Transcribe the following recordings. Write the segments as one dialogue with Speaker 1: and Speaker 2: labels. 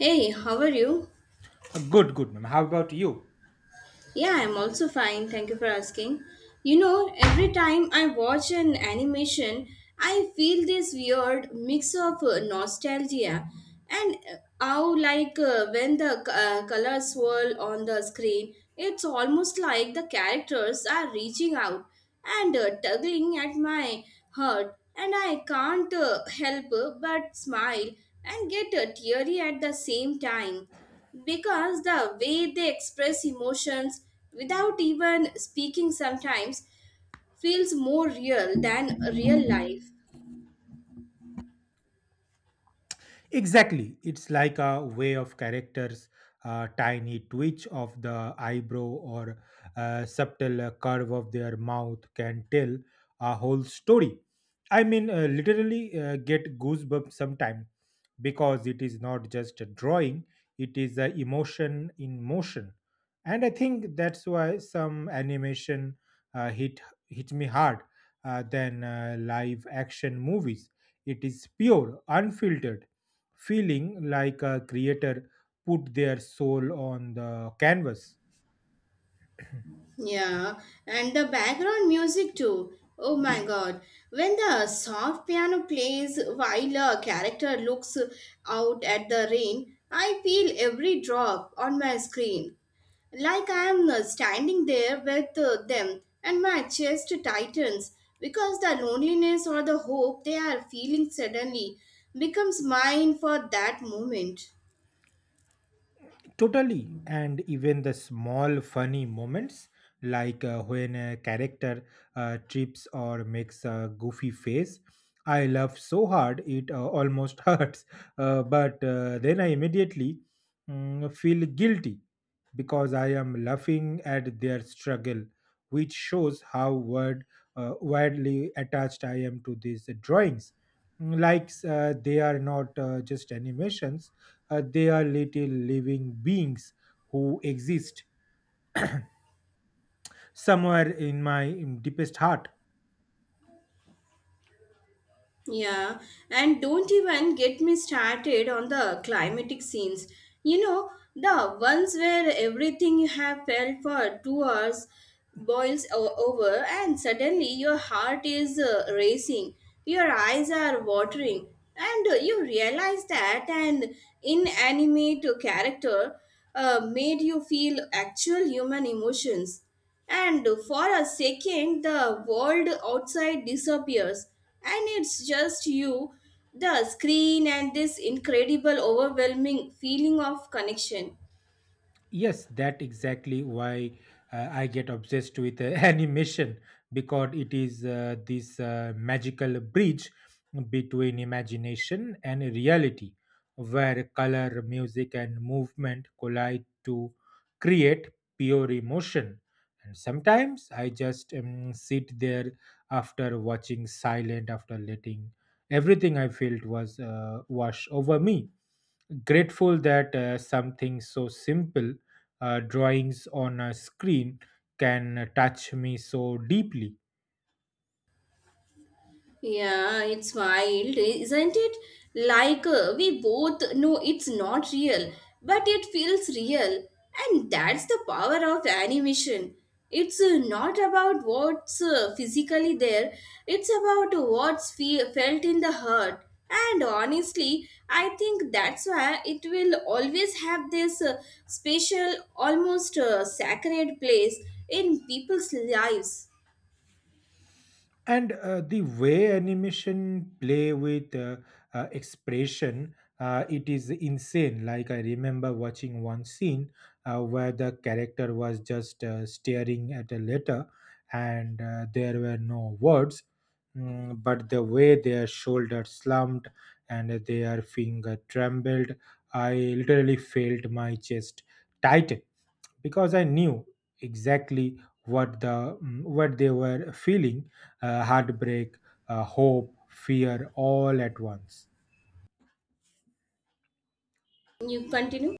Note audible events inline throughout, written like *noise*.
Speaker 1: Hey, how are you?
Speaker 2: Good, good, ma'am. How about you?
Speaker 1: Yeah, I'm also fine. Thank you for asking. You know, every time I watch an animation, I feel this weird mix of nostalgia and when the colors swirl on the screen, it's almost like the characters are reaching out and tugging at my heart, and I can't help but smile and get teary at the same time because the way they express emotions without even speaking sometimes feels more real than real life.
Speaker 2: Exactly. It's like a way of characters, a tiny twitch of the eyebrow or a subtle curve of their mouth can tell a whole story. I mean, literally get goosebumps sometime because it is not just a drawing, it is a emotion in motion. And I think that's why some animation uh, hit, hit me hard than live action movies. It is pure, unfiltered feeling like a creator put their soul on the canvas.
Speaker 1: Yeah, and the background music too. Oh my god. When the soft piano plays while a character looks out at the rain, I feel every drop on my screen. Like I am standing there with them and my chest tightens because the loneliness or the hope they are feeling suddenly becomes mine for that moment.
Speaker 2: Totally. And even the small funny moments, like when a character trips or makes a goofy face, I laugh so hard it almost *laughs* hurts. But then I immediately feel guilty because I am laughing at their struggle, which shows how widely attached I am to these drawings. Like they are not just animations they are little living beings who exist somewhere in my deepest heart.
Speaker 1: Yeah, and don't even get me started on the climatic scenes. You know, the ones where everything you have felt for 2 hours over, and suddenly your heart is racing, your eyes are watering, and you realize that an inanimate character made you feel actual human emotions, and for a second the world outside disappears and it's just you, the screen, and this incredible overwhelming feeling of connection.
Speaker 2: Yes, that exactly why I get obsessed with *laughs* animation because it is this magical bridge between imagination and reality, where color, music, and movement collide to create pure emotion. And sometimes I just sit there after watching silent, after letting everything I felt was wash over me grateful that something so simple, drawings on a screen, can touch me so deeply.
Speaker 1: Yeah, it's wild, isn't it? Like we both know it's not real, but it feels real. And that's the power of animation. It's not about what's physically there, it's about felt in the heart. And honestly, I think that's why it will always have this special, almost sacred place in people's lives.
Speaker 2: And the way animation play with expression it is insane. Like I remember watching one scene where the character was just staring at a letter, and there were no words. But the way their shoulders slumped and their finger trembled, I literally felt my chest tighten because I knew exactly what they were feeling, heartbreak, hope, fear all at once.
Speaker 1: You continue?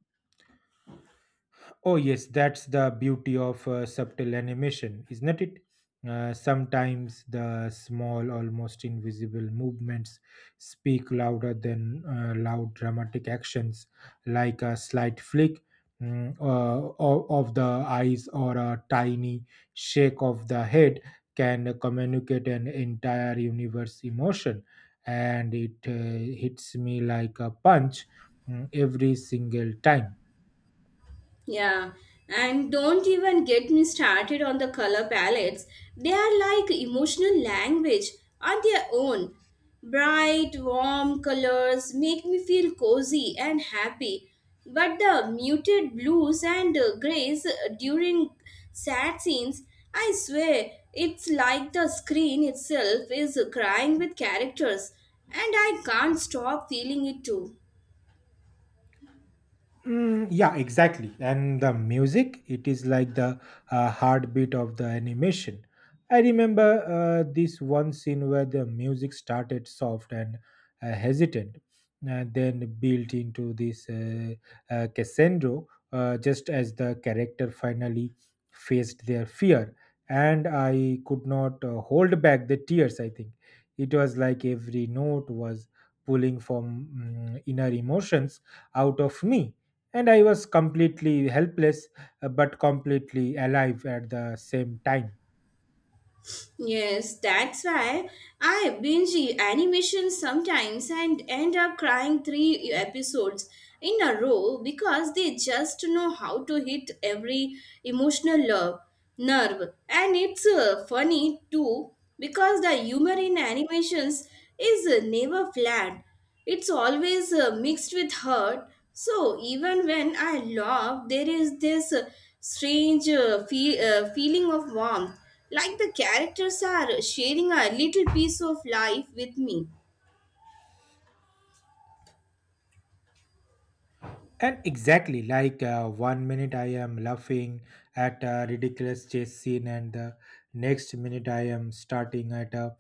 Speaker 2: Oh, yes, that's the beauty of subtle animation, isn't it? Sometimes the small, almost invisible movements speak louder than loud dramatic actions, like a slight flick, of the eyes, or a tiny shake of the head can communicate an entire universe emotion. And it hits me like a punch every single time.
Speaker 1: Yeah, and don't even get me started on the color palettes. They are like emotional language on their own. Bright, warm colors make me feel cozy and happy, but the muted blues and grays during sad scenes, I swear, it's like the screen itself is crying with characters, and I can't stop feeling it too.
Speaker 2: Yeah, exactly. And the music, it is like the heartbeat of the animation. I remember this one scene where the music started soft and hesitant, and then built into this crescendo, just as the character finally faced their fear. And I could not hold back the tears, I think. It was like every note was pulling from inner emotions out of me, and I was completely helpless but completely alive at the same time.
Speaker 1: Yes, that's why I binge animation sometimes and end up crying three episodes in a row because they just know how to hit every emotional love, nerve. And it's funny too because the humor in animations is never flat. It's always mixed with hurt. So even when I love, there is this strange feeling of warmth, like the characters are sharing a little piece of life with me.
Speaker 2: And exactly, like one minute I am laughing at a ridiculous chase scene, and the next minute I am starting at a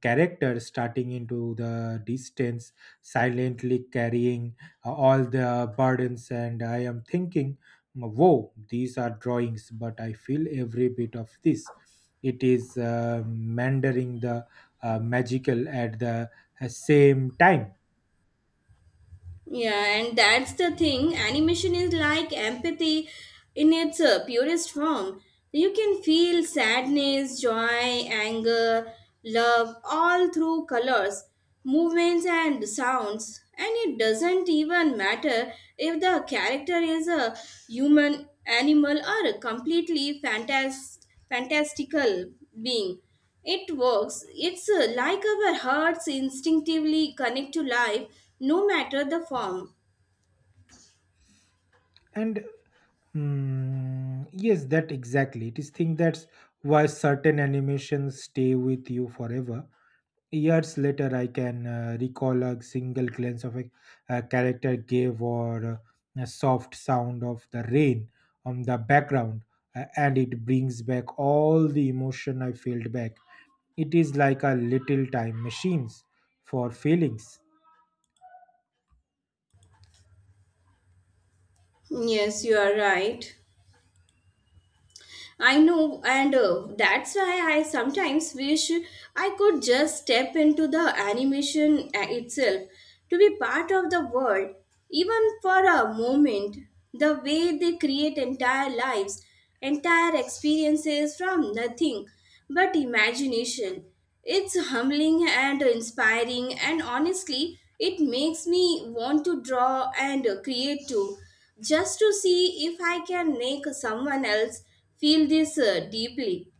Speaker 2: character starting into the distance, silently carrying all the burdens, and I am thinking, "Whoa, these are drawings," but I feel every bit of this. It is mandering the magical at the same time.
Speaker 1: Yeah, and that's the thing. Animation is like empathy in its purest form. You can feel sadness, joy, anger, love all through colors, movements, and sounds. And it doesn't even matter if the character is a human, animal, or a fantastical being. It works. It's like our hearts instinctively connect to life, no matter the form.
Speaker 2: And yes, that exactly. It is thing that's why certain animations stay with you forever. Years later, I can recall a single glance of a character gave, or a soft sound of the rain on the background, and it brings back all the emotion I felt back. It is like a little time machines for feelings.
Speaker 1: Yes, you are right. I know, and that's why I sometimes wish I could just step into the animation itself to be part of the world, even for a moment. The way they create entire lives, entire experiences from nothing but imagination. It's humbling and inspiring, and honestly, it makes me want to draw and create too, just to see if I can make someone else feel this deeply.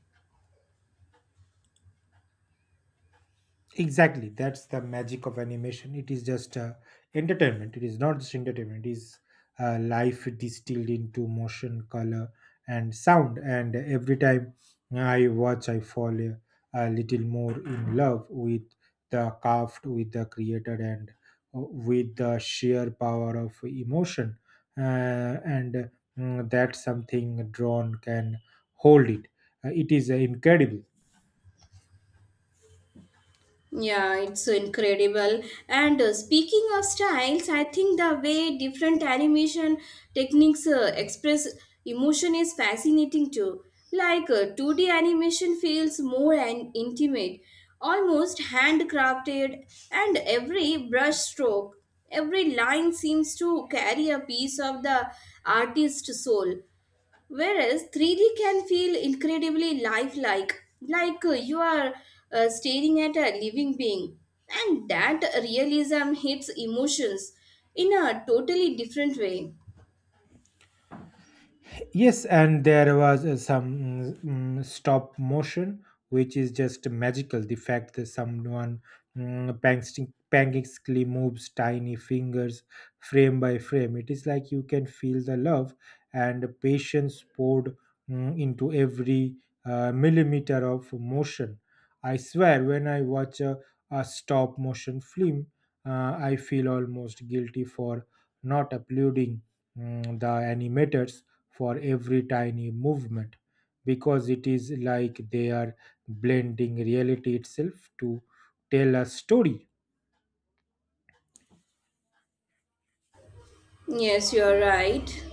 Speaker 2: Exactly, that's the magic of animation. It is just entertainment. It is not just entertainment. It is life distilled into motion, color, and sound. And every time I watch, I fall a little more in love with the craft, with the creator, and with the sheer power of emotion. Uh, and uh, that's something drawn can hold it. It is incredible.
Speaker 1: Yeah, it's incredible. And speaking of styles, I think the way different animation techniques express emotion is fascinating too. Like 2D animation feels more and intimate, almost handcrafted, and every brush stroke, every line seems to carry a piece of the artist's soul. Whereas 3D can feel incredibly lifelike, like you are staring at a living being. And that realism hits emotions in a totally different way.
Speaker 2: Yes, and there was some stop motion, which is just magical. The fact that someone painstakingly moves tiny fingers frame by frame, it is like you can feel the love and patience poured into every millimeter of motion. I swear, when I watch a stop motion film, I feel almost guilty for not applauding the animators for every tiny movement because it is like they are blending reality itself to tell a story.
Speaker 1: Yes, you are right.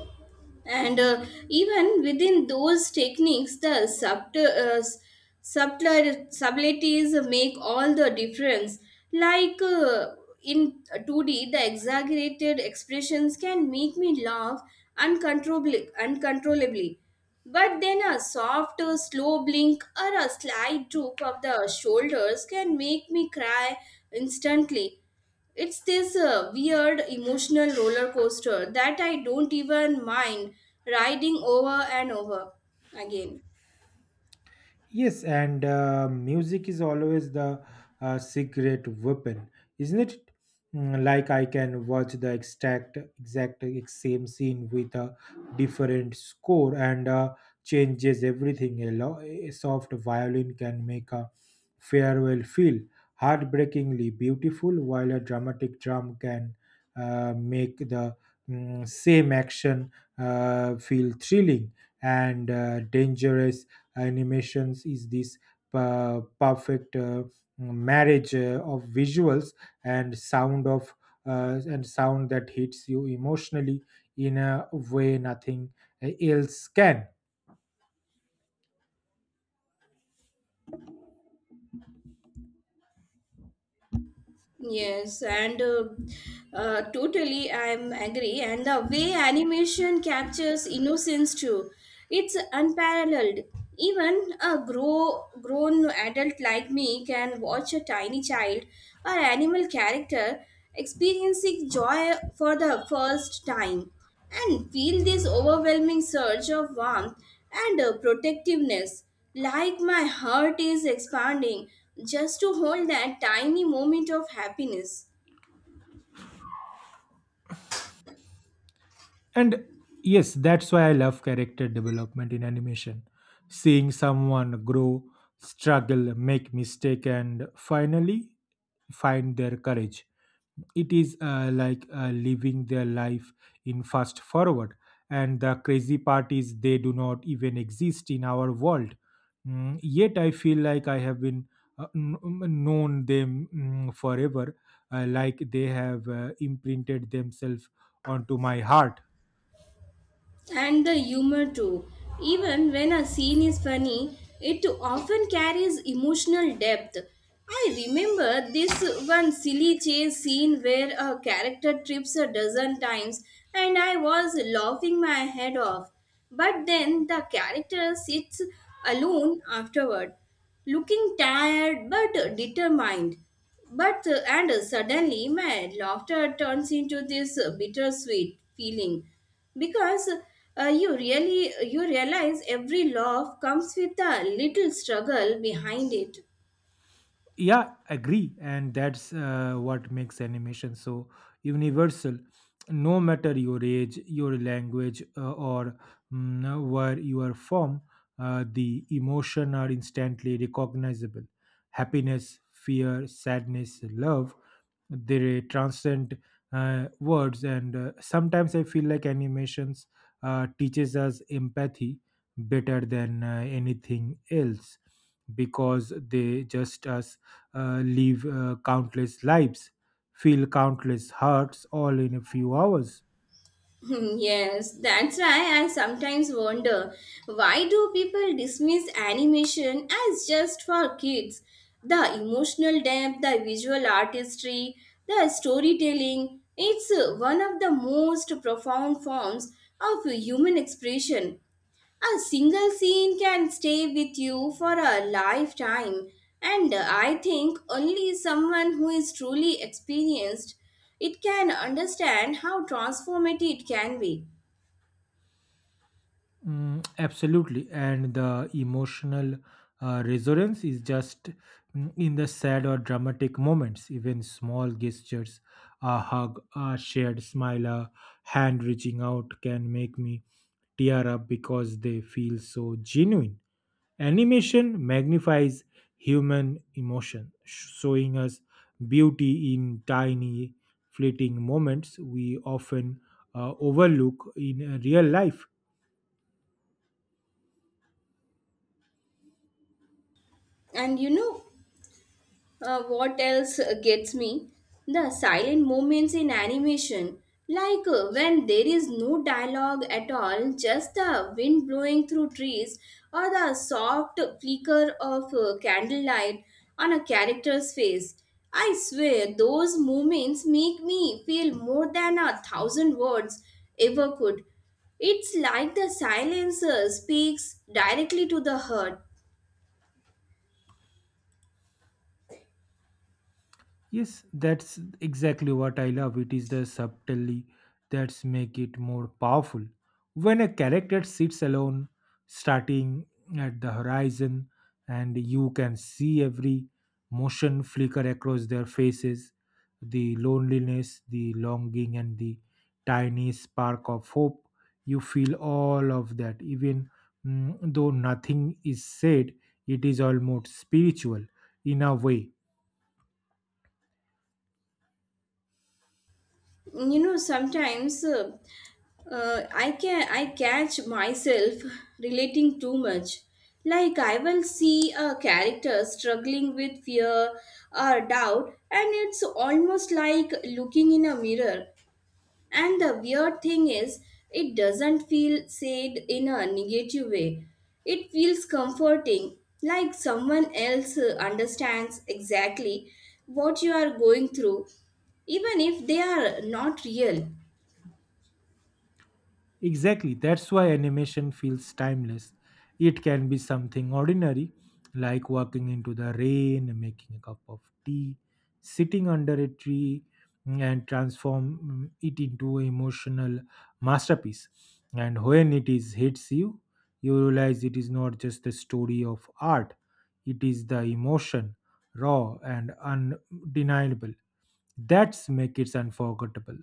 Speaker 1: And even within those techniques, the subtleties make all the difference. Like in 2D, the exaggerated expressions can make me laugh uncontrollably. But then a soft, slow blink or a slight droop of the shoulders can make me cry instantly. It's this weird emotional roller coaster that I don't even mind riding over and over again.
Speaker 2: Yes, and music is always the secret weapon, isn't it? Like I can watch the exact same scene with a different score, and changes everything. A soft violin can make a farewell feel heartbreakingly beautiful, while a dramatic drum can make the same action feel thrilling and dangerous. Animations is this perfect marriage of visuals and sound of and sound that hits you emotionally in a way nothing else can.
Speaker 1: Yes, and totally, I'm agree. And the way animation captures innocence too, it's unparalleled. Even a grown adult like me can watch a tiny child or animal character experiencing joy for the first time and feel this overwhelming surge of warmth and protectiveness, like my heart is expanding just to hold that tiny moment of happiness.
Speaker 2: And yes, that's why I love character development in animation, seeing someone grow, struggle, make mistake, and finally find their courage. It is like living their life in fast forward. And the crazy part is they do not even exist in our world. Yet I feel like I have been known them forever, like they have imprinted themselves onto my heart.
Speaker 1: And the humor too. Even when a scene is funny, it often carries emotional depth. I remember this one silly chase scene where a character trips a dozen times and I was laughing my head off. But then the character sits alone afterward, looking tired but determined. But and Suddenly my laughter turns into this bittersweet feeling because you realize every laugh comes with a little struggle behind it.
Speaker 2: Yeah, agree. And that's what makes animation so universal. No matter your age, your language, or where you are from, the emotion are instantly recognizable: happiness, fear, sadness, love. They transcend words. And sometimes I feel like animations teaches us empathy better than anything else, because they just us live countless lives, feel countless hurts, all in a few hours.
Speaker 1: Hmm. Yes, that's why I sometimes wonder, why do people dismiss animation as just for kids? The emotional depth, the visual artistry, the storytelling, it's one of the most profound forms of human expression. A single scene can stay with you for a lifetime, and I think only someone who is truly experienced it can understand how transformative it can be.
Speaker 2: Absolutely, and the emotional resonance is just in the sad or dramatic moments. Even small gestures, a hug, a shared smile, a hand reaching out can make me tear up because they feel so genuine. Animation magnifies human emotion, showing us beauty in tiny, fleeting moments we often overlook in real life.
Speaker 1: And you know, what else gets me? The silent moments in animation. Like when there is no dialogue at all, just the wind blowing through trees or the soft flicker of candlelight on a character's face. I swear, those moments make me feel more than a thousand words ever could. It's like the silencer speaks directly to the heart.
Speaker 2: Yes, that's exactly what I love. It is the subtlety that's make it more powerful. When a character sits alone, starting at the horizon, and you can see every motion flicker across their faces, the loneliness, the longing, and the tiny spark of hope. You feel all of that, even though nothing is said. It is almost spiritual in a way.
Speaker 1: You know, sometimes I catch myself *laughs* relating too much. Like I will see a character struggling with fear or doubt, and it's almost like looking in a mirror. And the weird thing is, it doesn't feel sad in a negative way. It feels comforting, like someone else understands exactly what you are going through, even if they are not real.
Speaker 2: Exactly, that's why animation feels timeless. It can be something ordinary, like walking into the rain, making a cup of tea, sitting under a tree, and transform it into an emotional masterpiece. And when it is hits you, you realize it is not just the story of art, it is the emotion, raw and undeniable. That's make it unforgettable.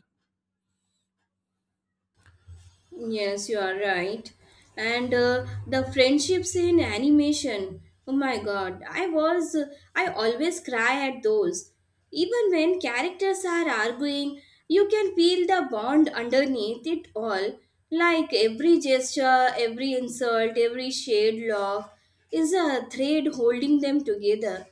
Speaker 1: Yes, you are right. And the friendships in animation. Oh my god, I always cry at those. Even when characters are arguing, you can feel the bond underneath it all. Like every gesture, every insult, every shade laugh is a thread holding them together,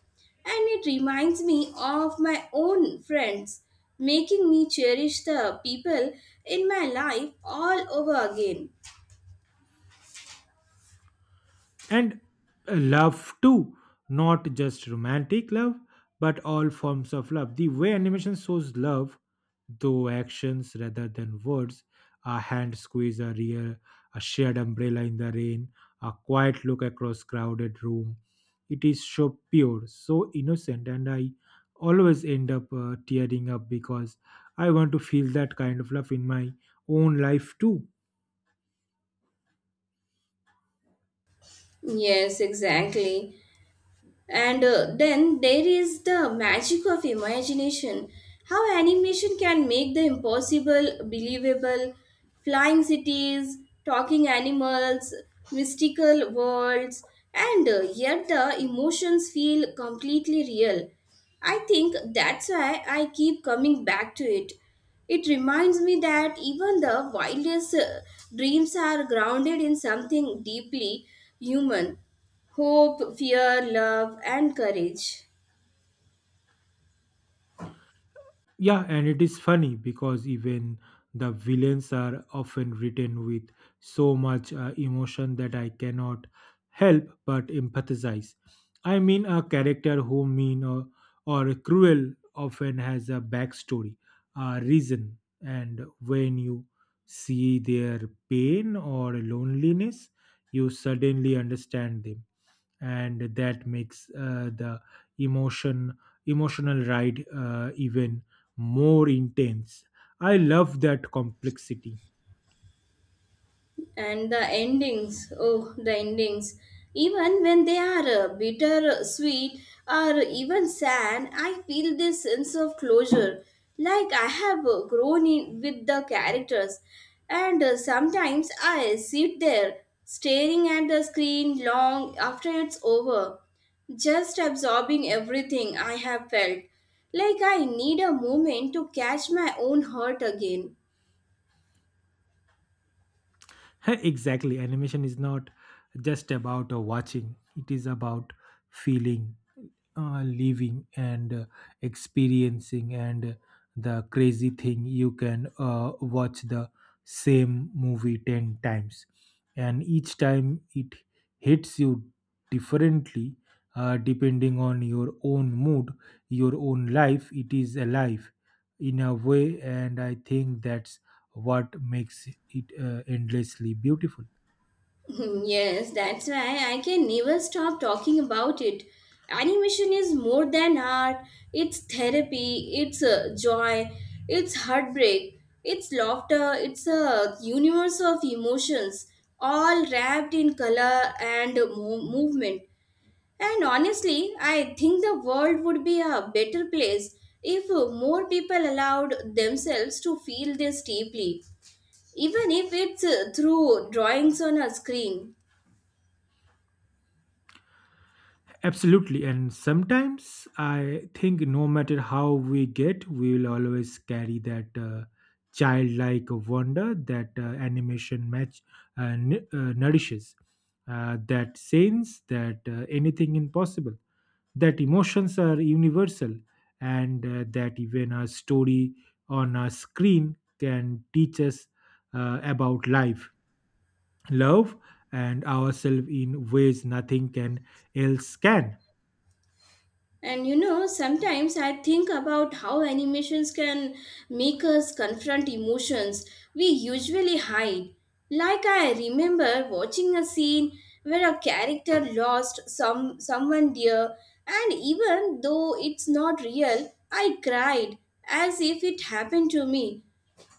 Speaker 1: and it reminds me of my own friends, making me cherish the people in my life all over again.
Speaker 2: And love too, not just romantic love, but all forms of love. The way animation shows love though actions rather than words, a hand squeeze, a rear, a shared umbrella in the rain, a quiet look across crowded room, it is so pure, so innocent, and I always end up tearing up because I want to feel that kind of love in my own life too.
Speaker 1: Yes, exactly. And then there is the magic of imagination. How animation can make the impossible believable, flying cities, talking animals, mystical worlds, and yet the emotions feel completely real. I think that's why I keep coming back to it. It reminds me that even the wildest dreams are grounded in something deeply human. Hope, fear, love, and courage.
Speaker 2: Yeah, and it is funny because even the villains are often written with so much emotion that I cannot help but empathize. I mean, a character who mean or cruel often has a backstory, a reason, and when you see their pain or loneliness, you suddenly understand them, and that makes the emotion emotional ride even more intense. I love that complexity.
Speaker 1: And the endings, oh, the endings, even when they are bitter sweet or even sad, I feel this sense of closure, like I have grown in with the characters, and sometimes I sit there staring at the screen long after it's over, just absorbing everything I have felt, like I need a moment to catch my own heart again.
Speaker 2: *laughs* Exactly, animation is not just about watching, it is about feeling living, and experiencing. And the crazy thing, you can watch the same movie 10 times, and each time it hits you differently, depending on your own mood, your own life. It is alive in a way, and I think that's what makes it endlessly beautiful.
Speaker 1: *laughs* Yes, that's why I can never stop talking about it. Animation is more than art, it's therapy, it's joy, it's heartbreak, it's laughter, it's a universe of emotions, all wrapped in color and movement. And honestly, I think the world would be a better place if more people allowed themselves to feel this deeply, even if it's through drawings on a screen.
Speaker 2: Absolutely. And sometimes I think no matter how we get, we will always carry that childlike wonder that animation match nourishes, that sense that anything impossible, that emotions are universal, and that even a story on a screen can teach us about life, love, and ourselves in ways nothing can else can.
Speaker 1: And you know, sometimes I think about how animations can make us confront emotions we usually hide. Like I remember watching a scene where a character lost someone dear, and even though it's not real, I cried as if it happened to me.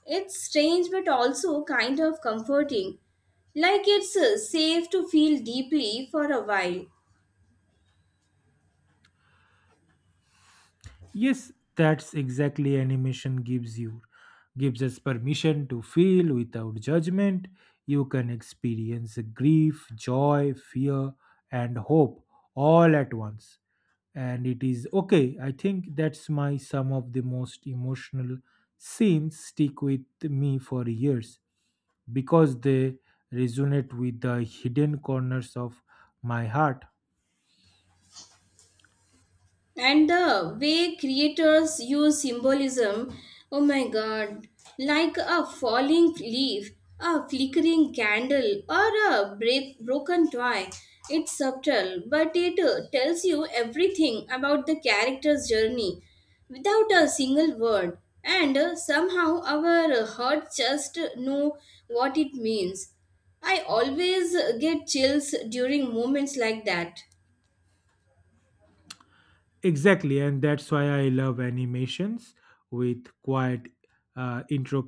Speaker 1: It's strange but also kind of comforting. Like it's safe to feel deeply for a while.
Speaker 2: Yes, that's exactly animation gives you. Gives us permission to feel without judgment. You can experience grief, joy, fear, and hope all at once. And it is okay. I think that's my some of the most emotional scenes stick with me for years because they resonate with the hidden corners of my heart.
Speaker 1: And the way creators use symbolism, oh my god, like a falling leaf, a flickering candle, or a broken toy, it's subtle but it tells you everything about the character's journey without a single word, and somehow our hearts just know what it means. I always get chills during moments like that.
Speaker 2: Exactly, and that's why I love animations with quiet intro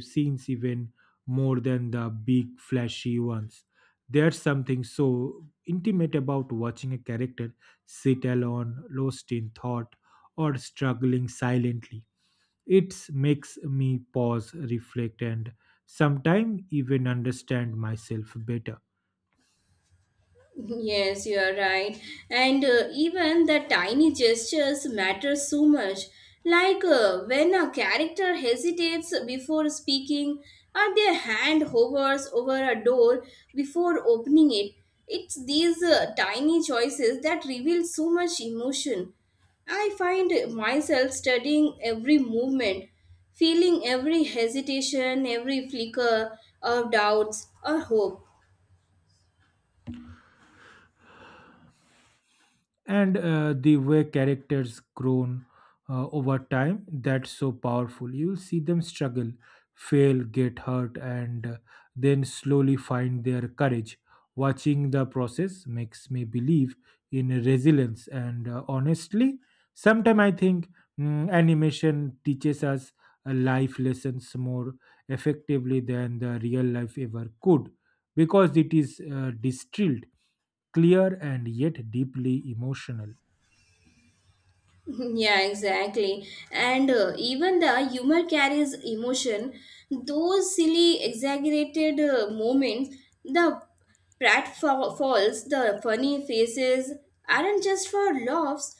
Speaker 2: scenes even more than the big flashy ones. There's something so intimate about watching a character sit alone, lost in thought, or struggling silently. It makes me pause, reflect, and sometimes even understand myself better.
Speaker 1: Yes, you are right. And even the tiny gestures matter so much. Like when a character hesitates before speaking, or their hand hovers over a door before opening it. It's these tiny choices that reveal so much emotion. I find myself studying every movement, feeling every hesitation, every flicker of doubts or hope.
Speaker 2: And the way characters grown over time, that's so powerful. You will see them struggle, fail, get hurt, and then slowly find their courage. Watching the process makes me believe in resilience, and honestly, sometimes I think animation teaches us life lessons more effectively than the real life ever could, because it is distilled, clear, and yet deeply emotional.
Speaker 1: Yeah, exactly. And even the humor carries emotion. Those silly, exaggerated moments, the pratfalls, the funny faces, aren't just for laughs.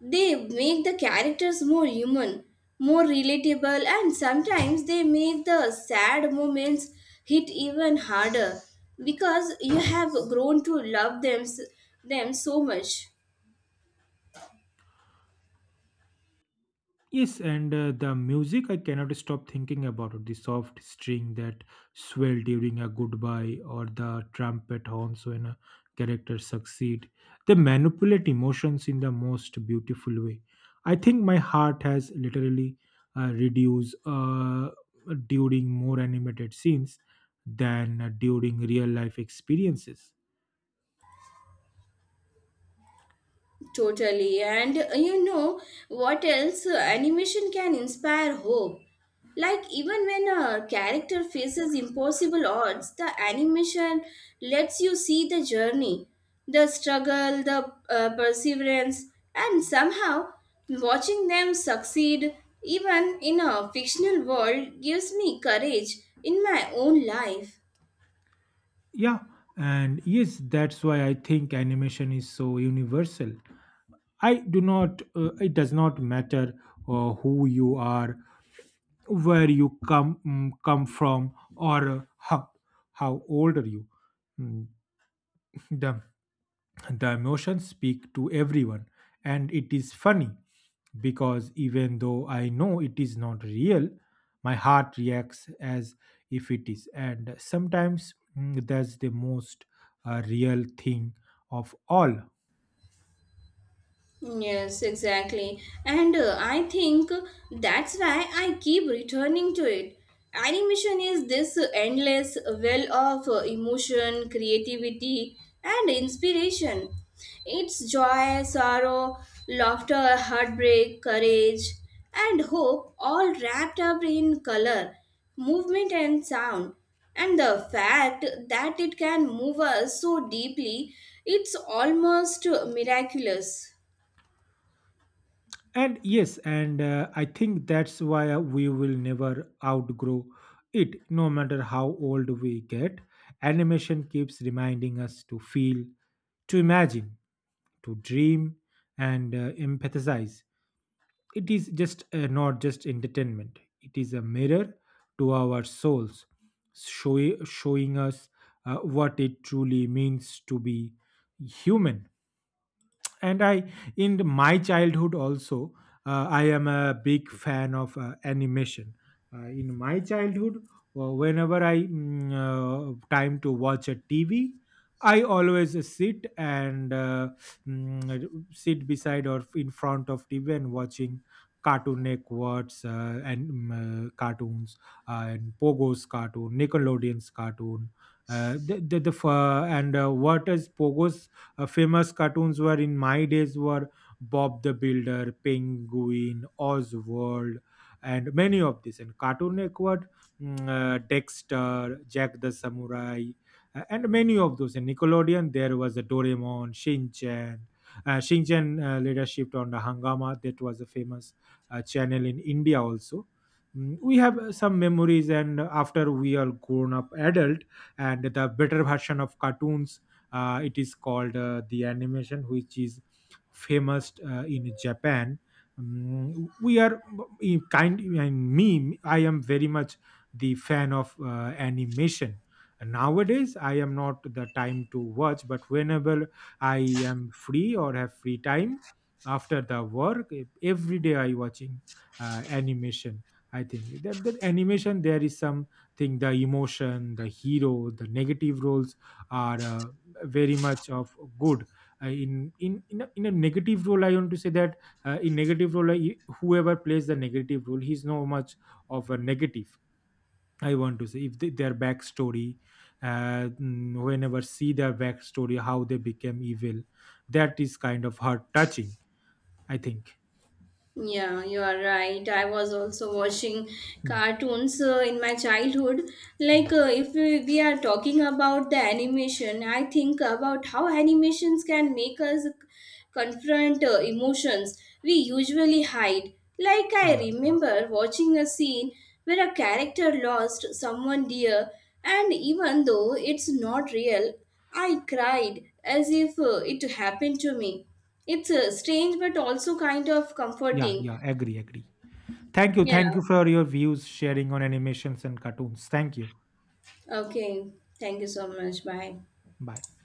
Speaker 1: They make the characters more human, more relatable, and sometimes they make the sad moments hit even harder because you have grown to love them so much.
Speaker 2: Yes, and the music, I cannot stop thinking about it. The soft string that swell during a goodbye, or the trumpet horns when a character succeed. They manipulate emotions in the most beautiful way. I think my heart has literally reduced during more animated scenes than during real life experiences.
Speaker 1: Totally. And you know what else? Animation can inspire hope. Like, even when a character faces impossible odds, the animation lets you see the journey, the struggle, the perseverance, and somehow watching them succeed, even in a fictional world, gives me courage in my own life.
Speaker 2: Yeah, and yes, that's why I think animation is so universal. I do not, it does not matter who you are, where you come come from, or how old are you. Mm, the the emotions speak to everyone, and it is funny because even though I know it is not real, my heart reacts as if it is. And sometimes that's the most real thing of all.
Speaker 1: Yes, exactly. And I think that's why I keep returning to it. Animation is this endless well of emotion, creativity, and inspiration. It's joy, sorrow, laughter, heartbreak, courage, and hope, all wrapped up in color, movement, and sound. And the fact that it can move us so deeply, it's almost miraculous.
Speaker 2: And yes, and I think that's why we will never outgrow it, no matter how old we get. Animation keeps reminding us to feel, to imagine, to dream, and empathize. It is just not just entertainment. It is a mirror to our souls, showing us what it truly means to be human. And I in my childhood also, I am a big fan of animation. In my childhood, whenever I time to watch a TV, I always sit and mm, sit beside or in front of TV and watching Cartoon Networks, cartoons, and Pogo's cartoon, Nickelodeon's cartoon. The f- and what is Pogo's famous cartoons were in my days were Bob the Builder, Penguin, Oswald, and many of these. And Cartoon Network, Dexter, Jack the Samurai, and many of those. And Nickelodeon, there was a Doraemon, Shinchan. Shinchan later shipped on the Hangama. That was a famous channel in India also. We have some memories, and after we are grown up adult, and the better version of cartoons, it is called the animation, which is famous in Japan. We are kind and me. I am very much the fan of animation. Nowadays, I am not the time to watch, but whenever I am free or have free time after the work, every day I watching animation. I think that animation there is something, the emotion, the hero, the negative roles are. Very much of good, in a negative role, I want to say that in negative role, whoever plays the negative role, he's no much of a negative. I want to say if they, their backstory, whenever see their backstory, how they became evil, that is kind of heart touching, I think.
Speaker 1: Yeah, you are right. I was also watching
Speaker 2: Hmm.
Speaker 1: cartoons in my childhood. Like,
Speaker 2: Hmm.
Speaker 1: if we, we are talking about the animation, I think about how animations can make us confront emotions we usually hide. Like, I
Speaker 2: yeah yeah
Speaker 1: remember watching a scene where a character lost someone dear, and even though it's not real, I cried as if it happened to me. It's strange, but also kind of
Speaker 2: yeah
Speaker 1: comforting.
Speaker 2: yeah agree, agree. thank you
Speaker 1: Yeah.
Speaker 2: thank you for your views sharing on animations and cartoons. Thank you.
Speaker 1: Okay. Thank you so much. Bye.
Speaker 2: Bye.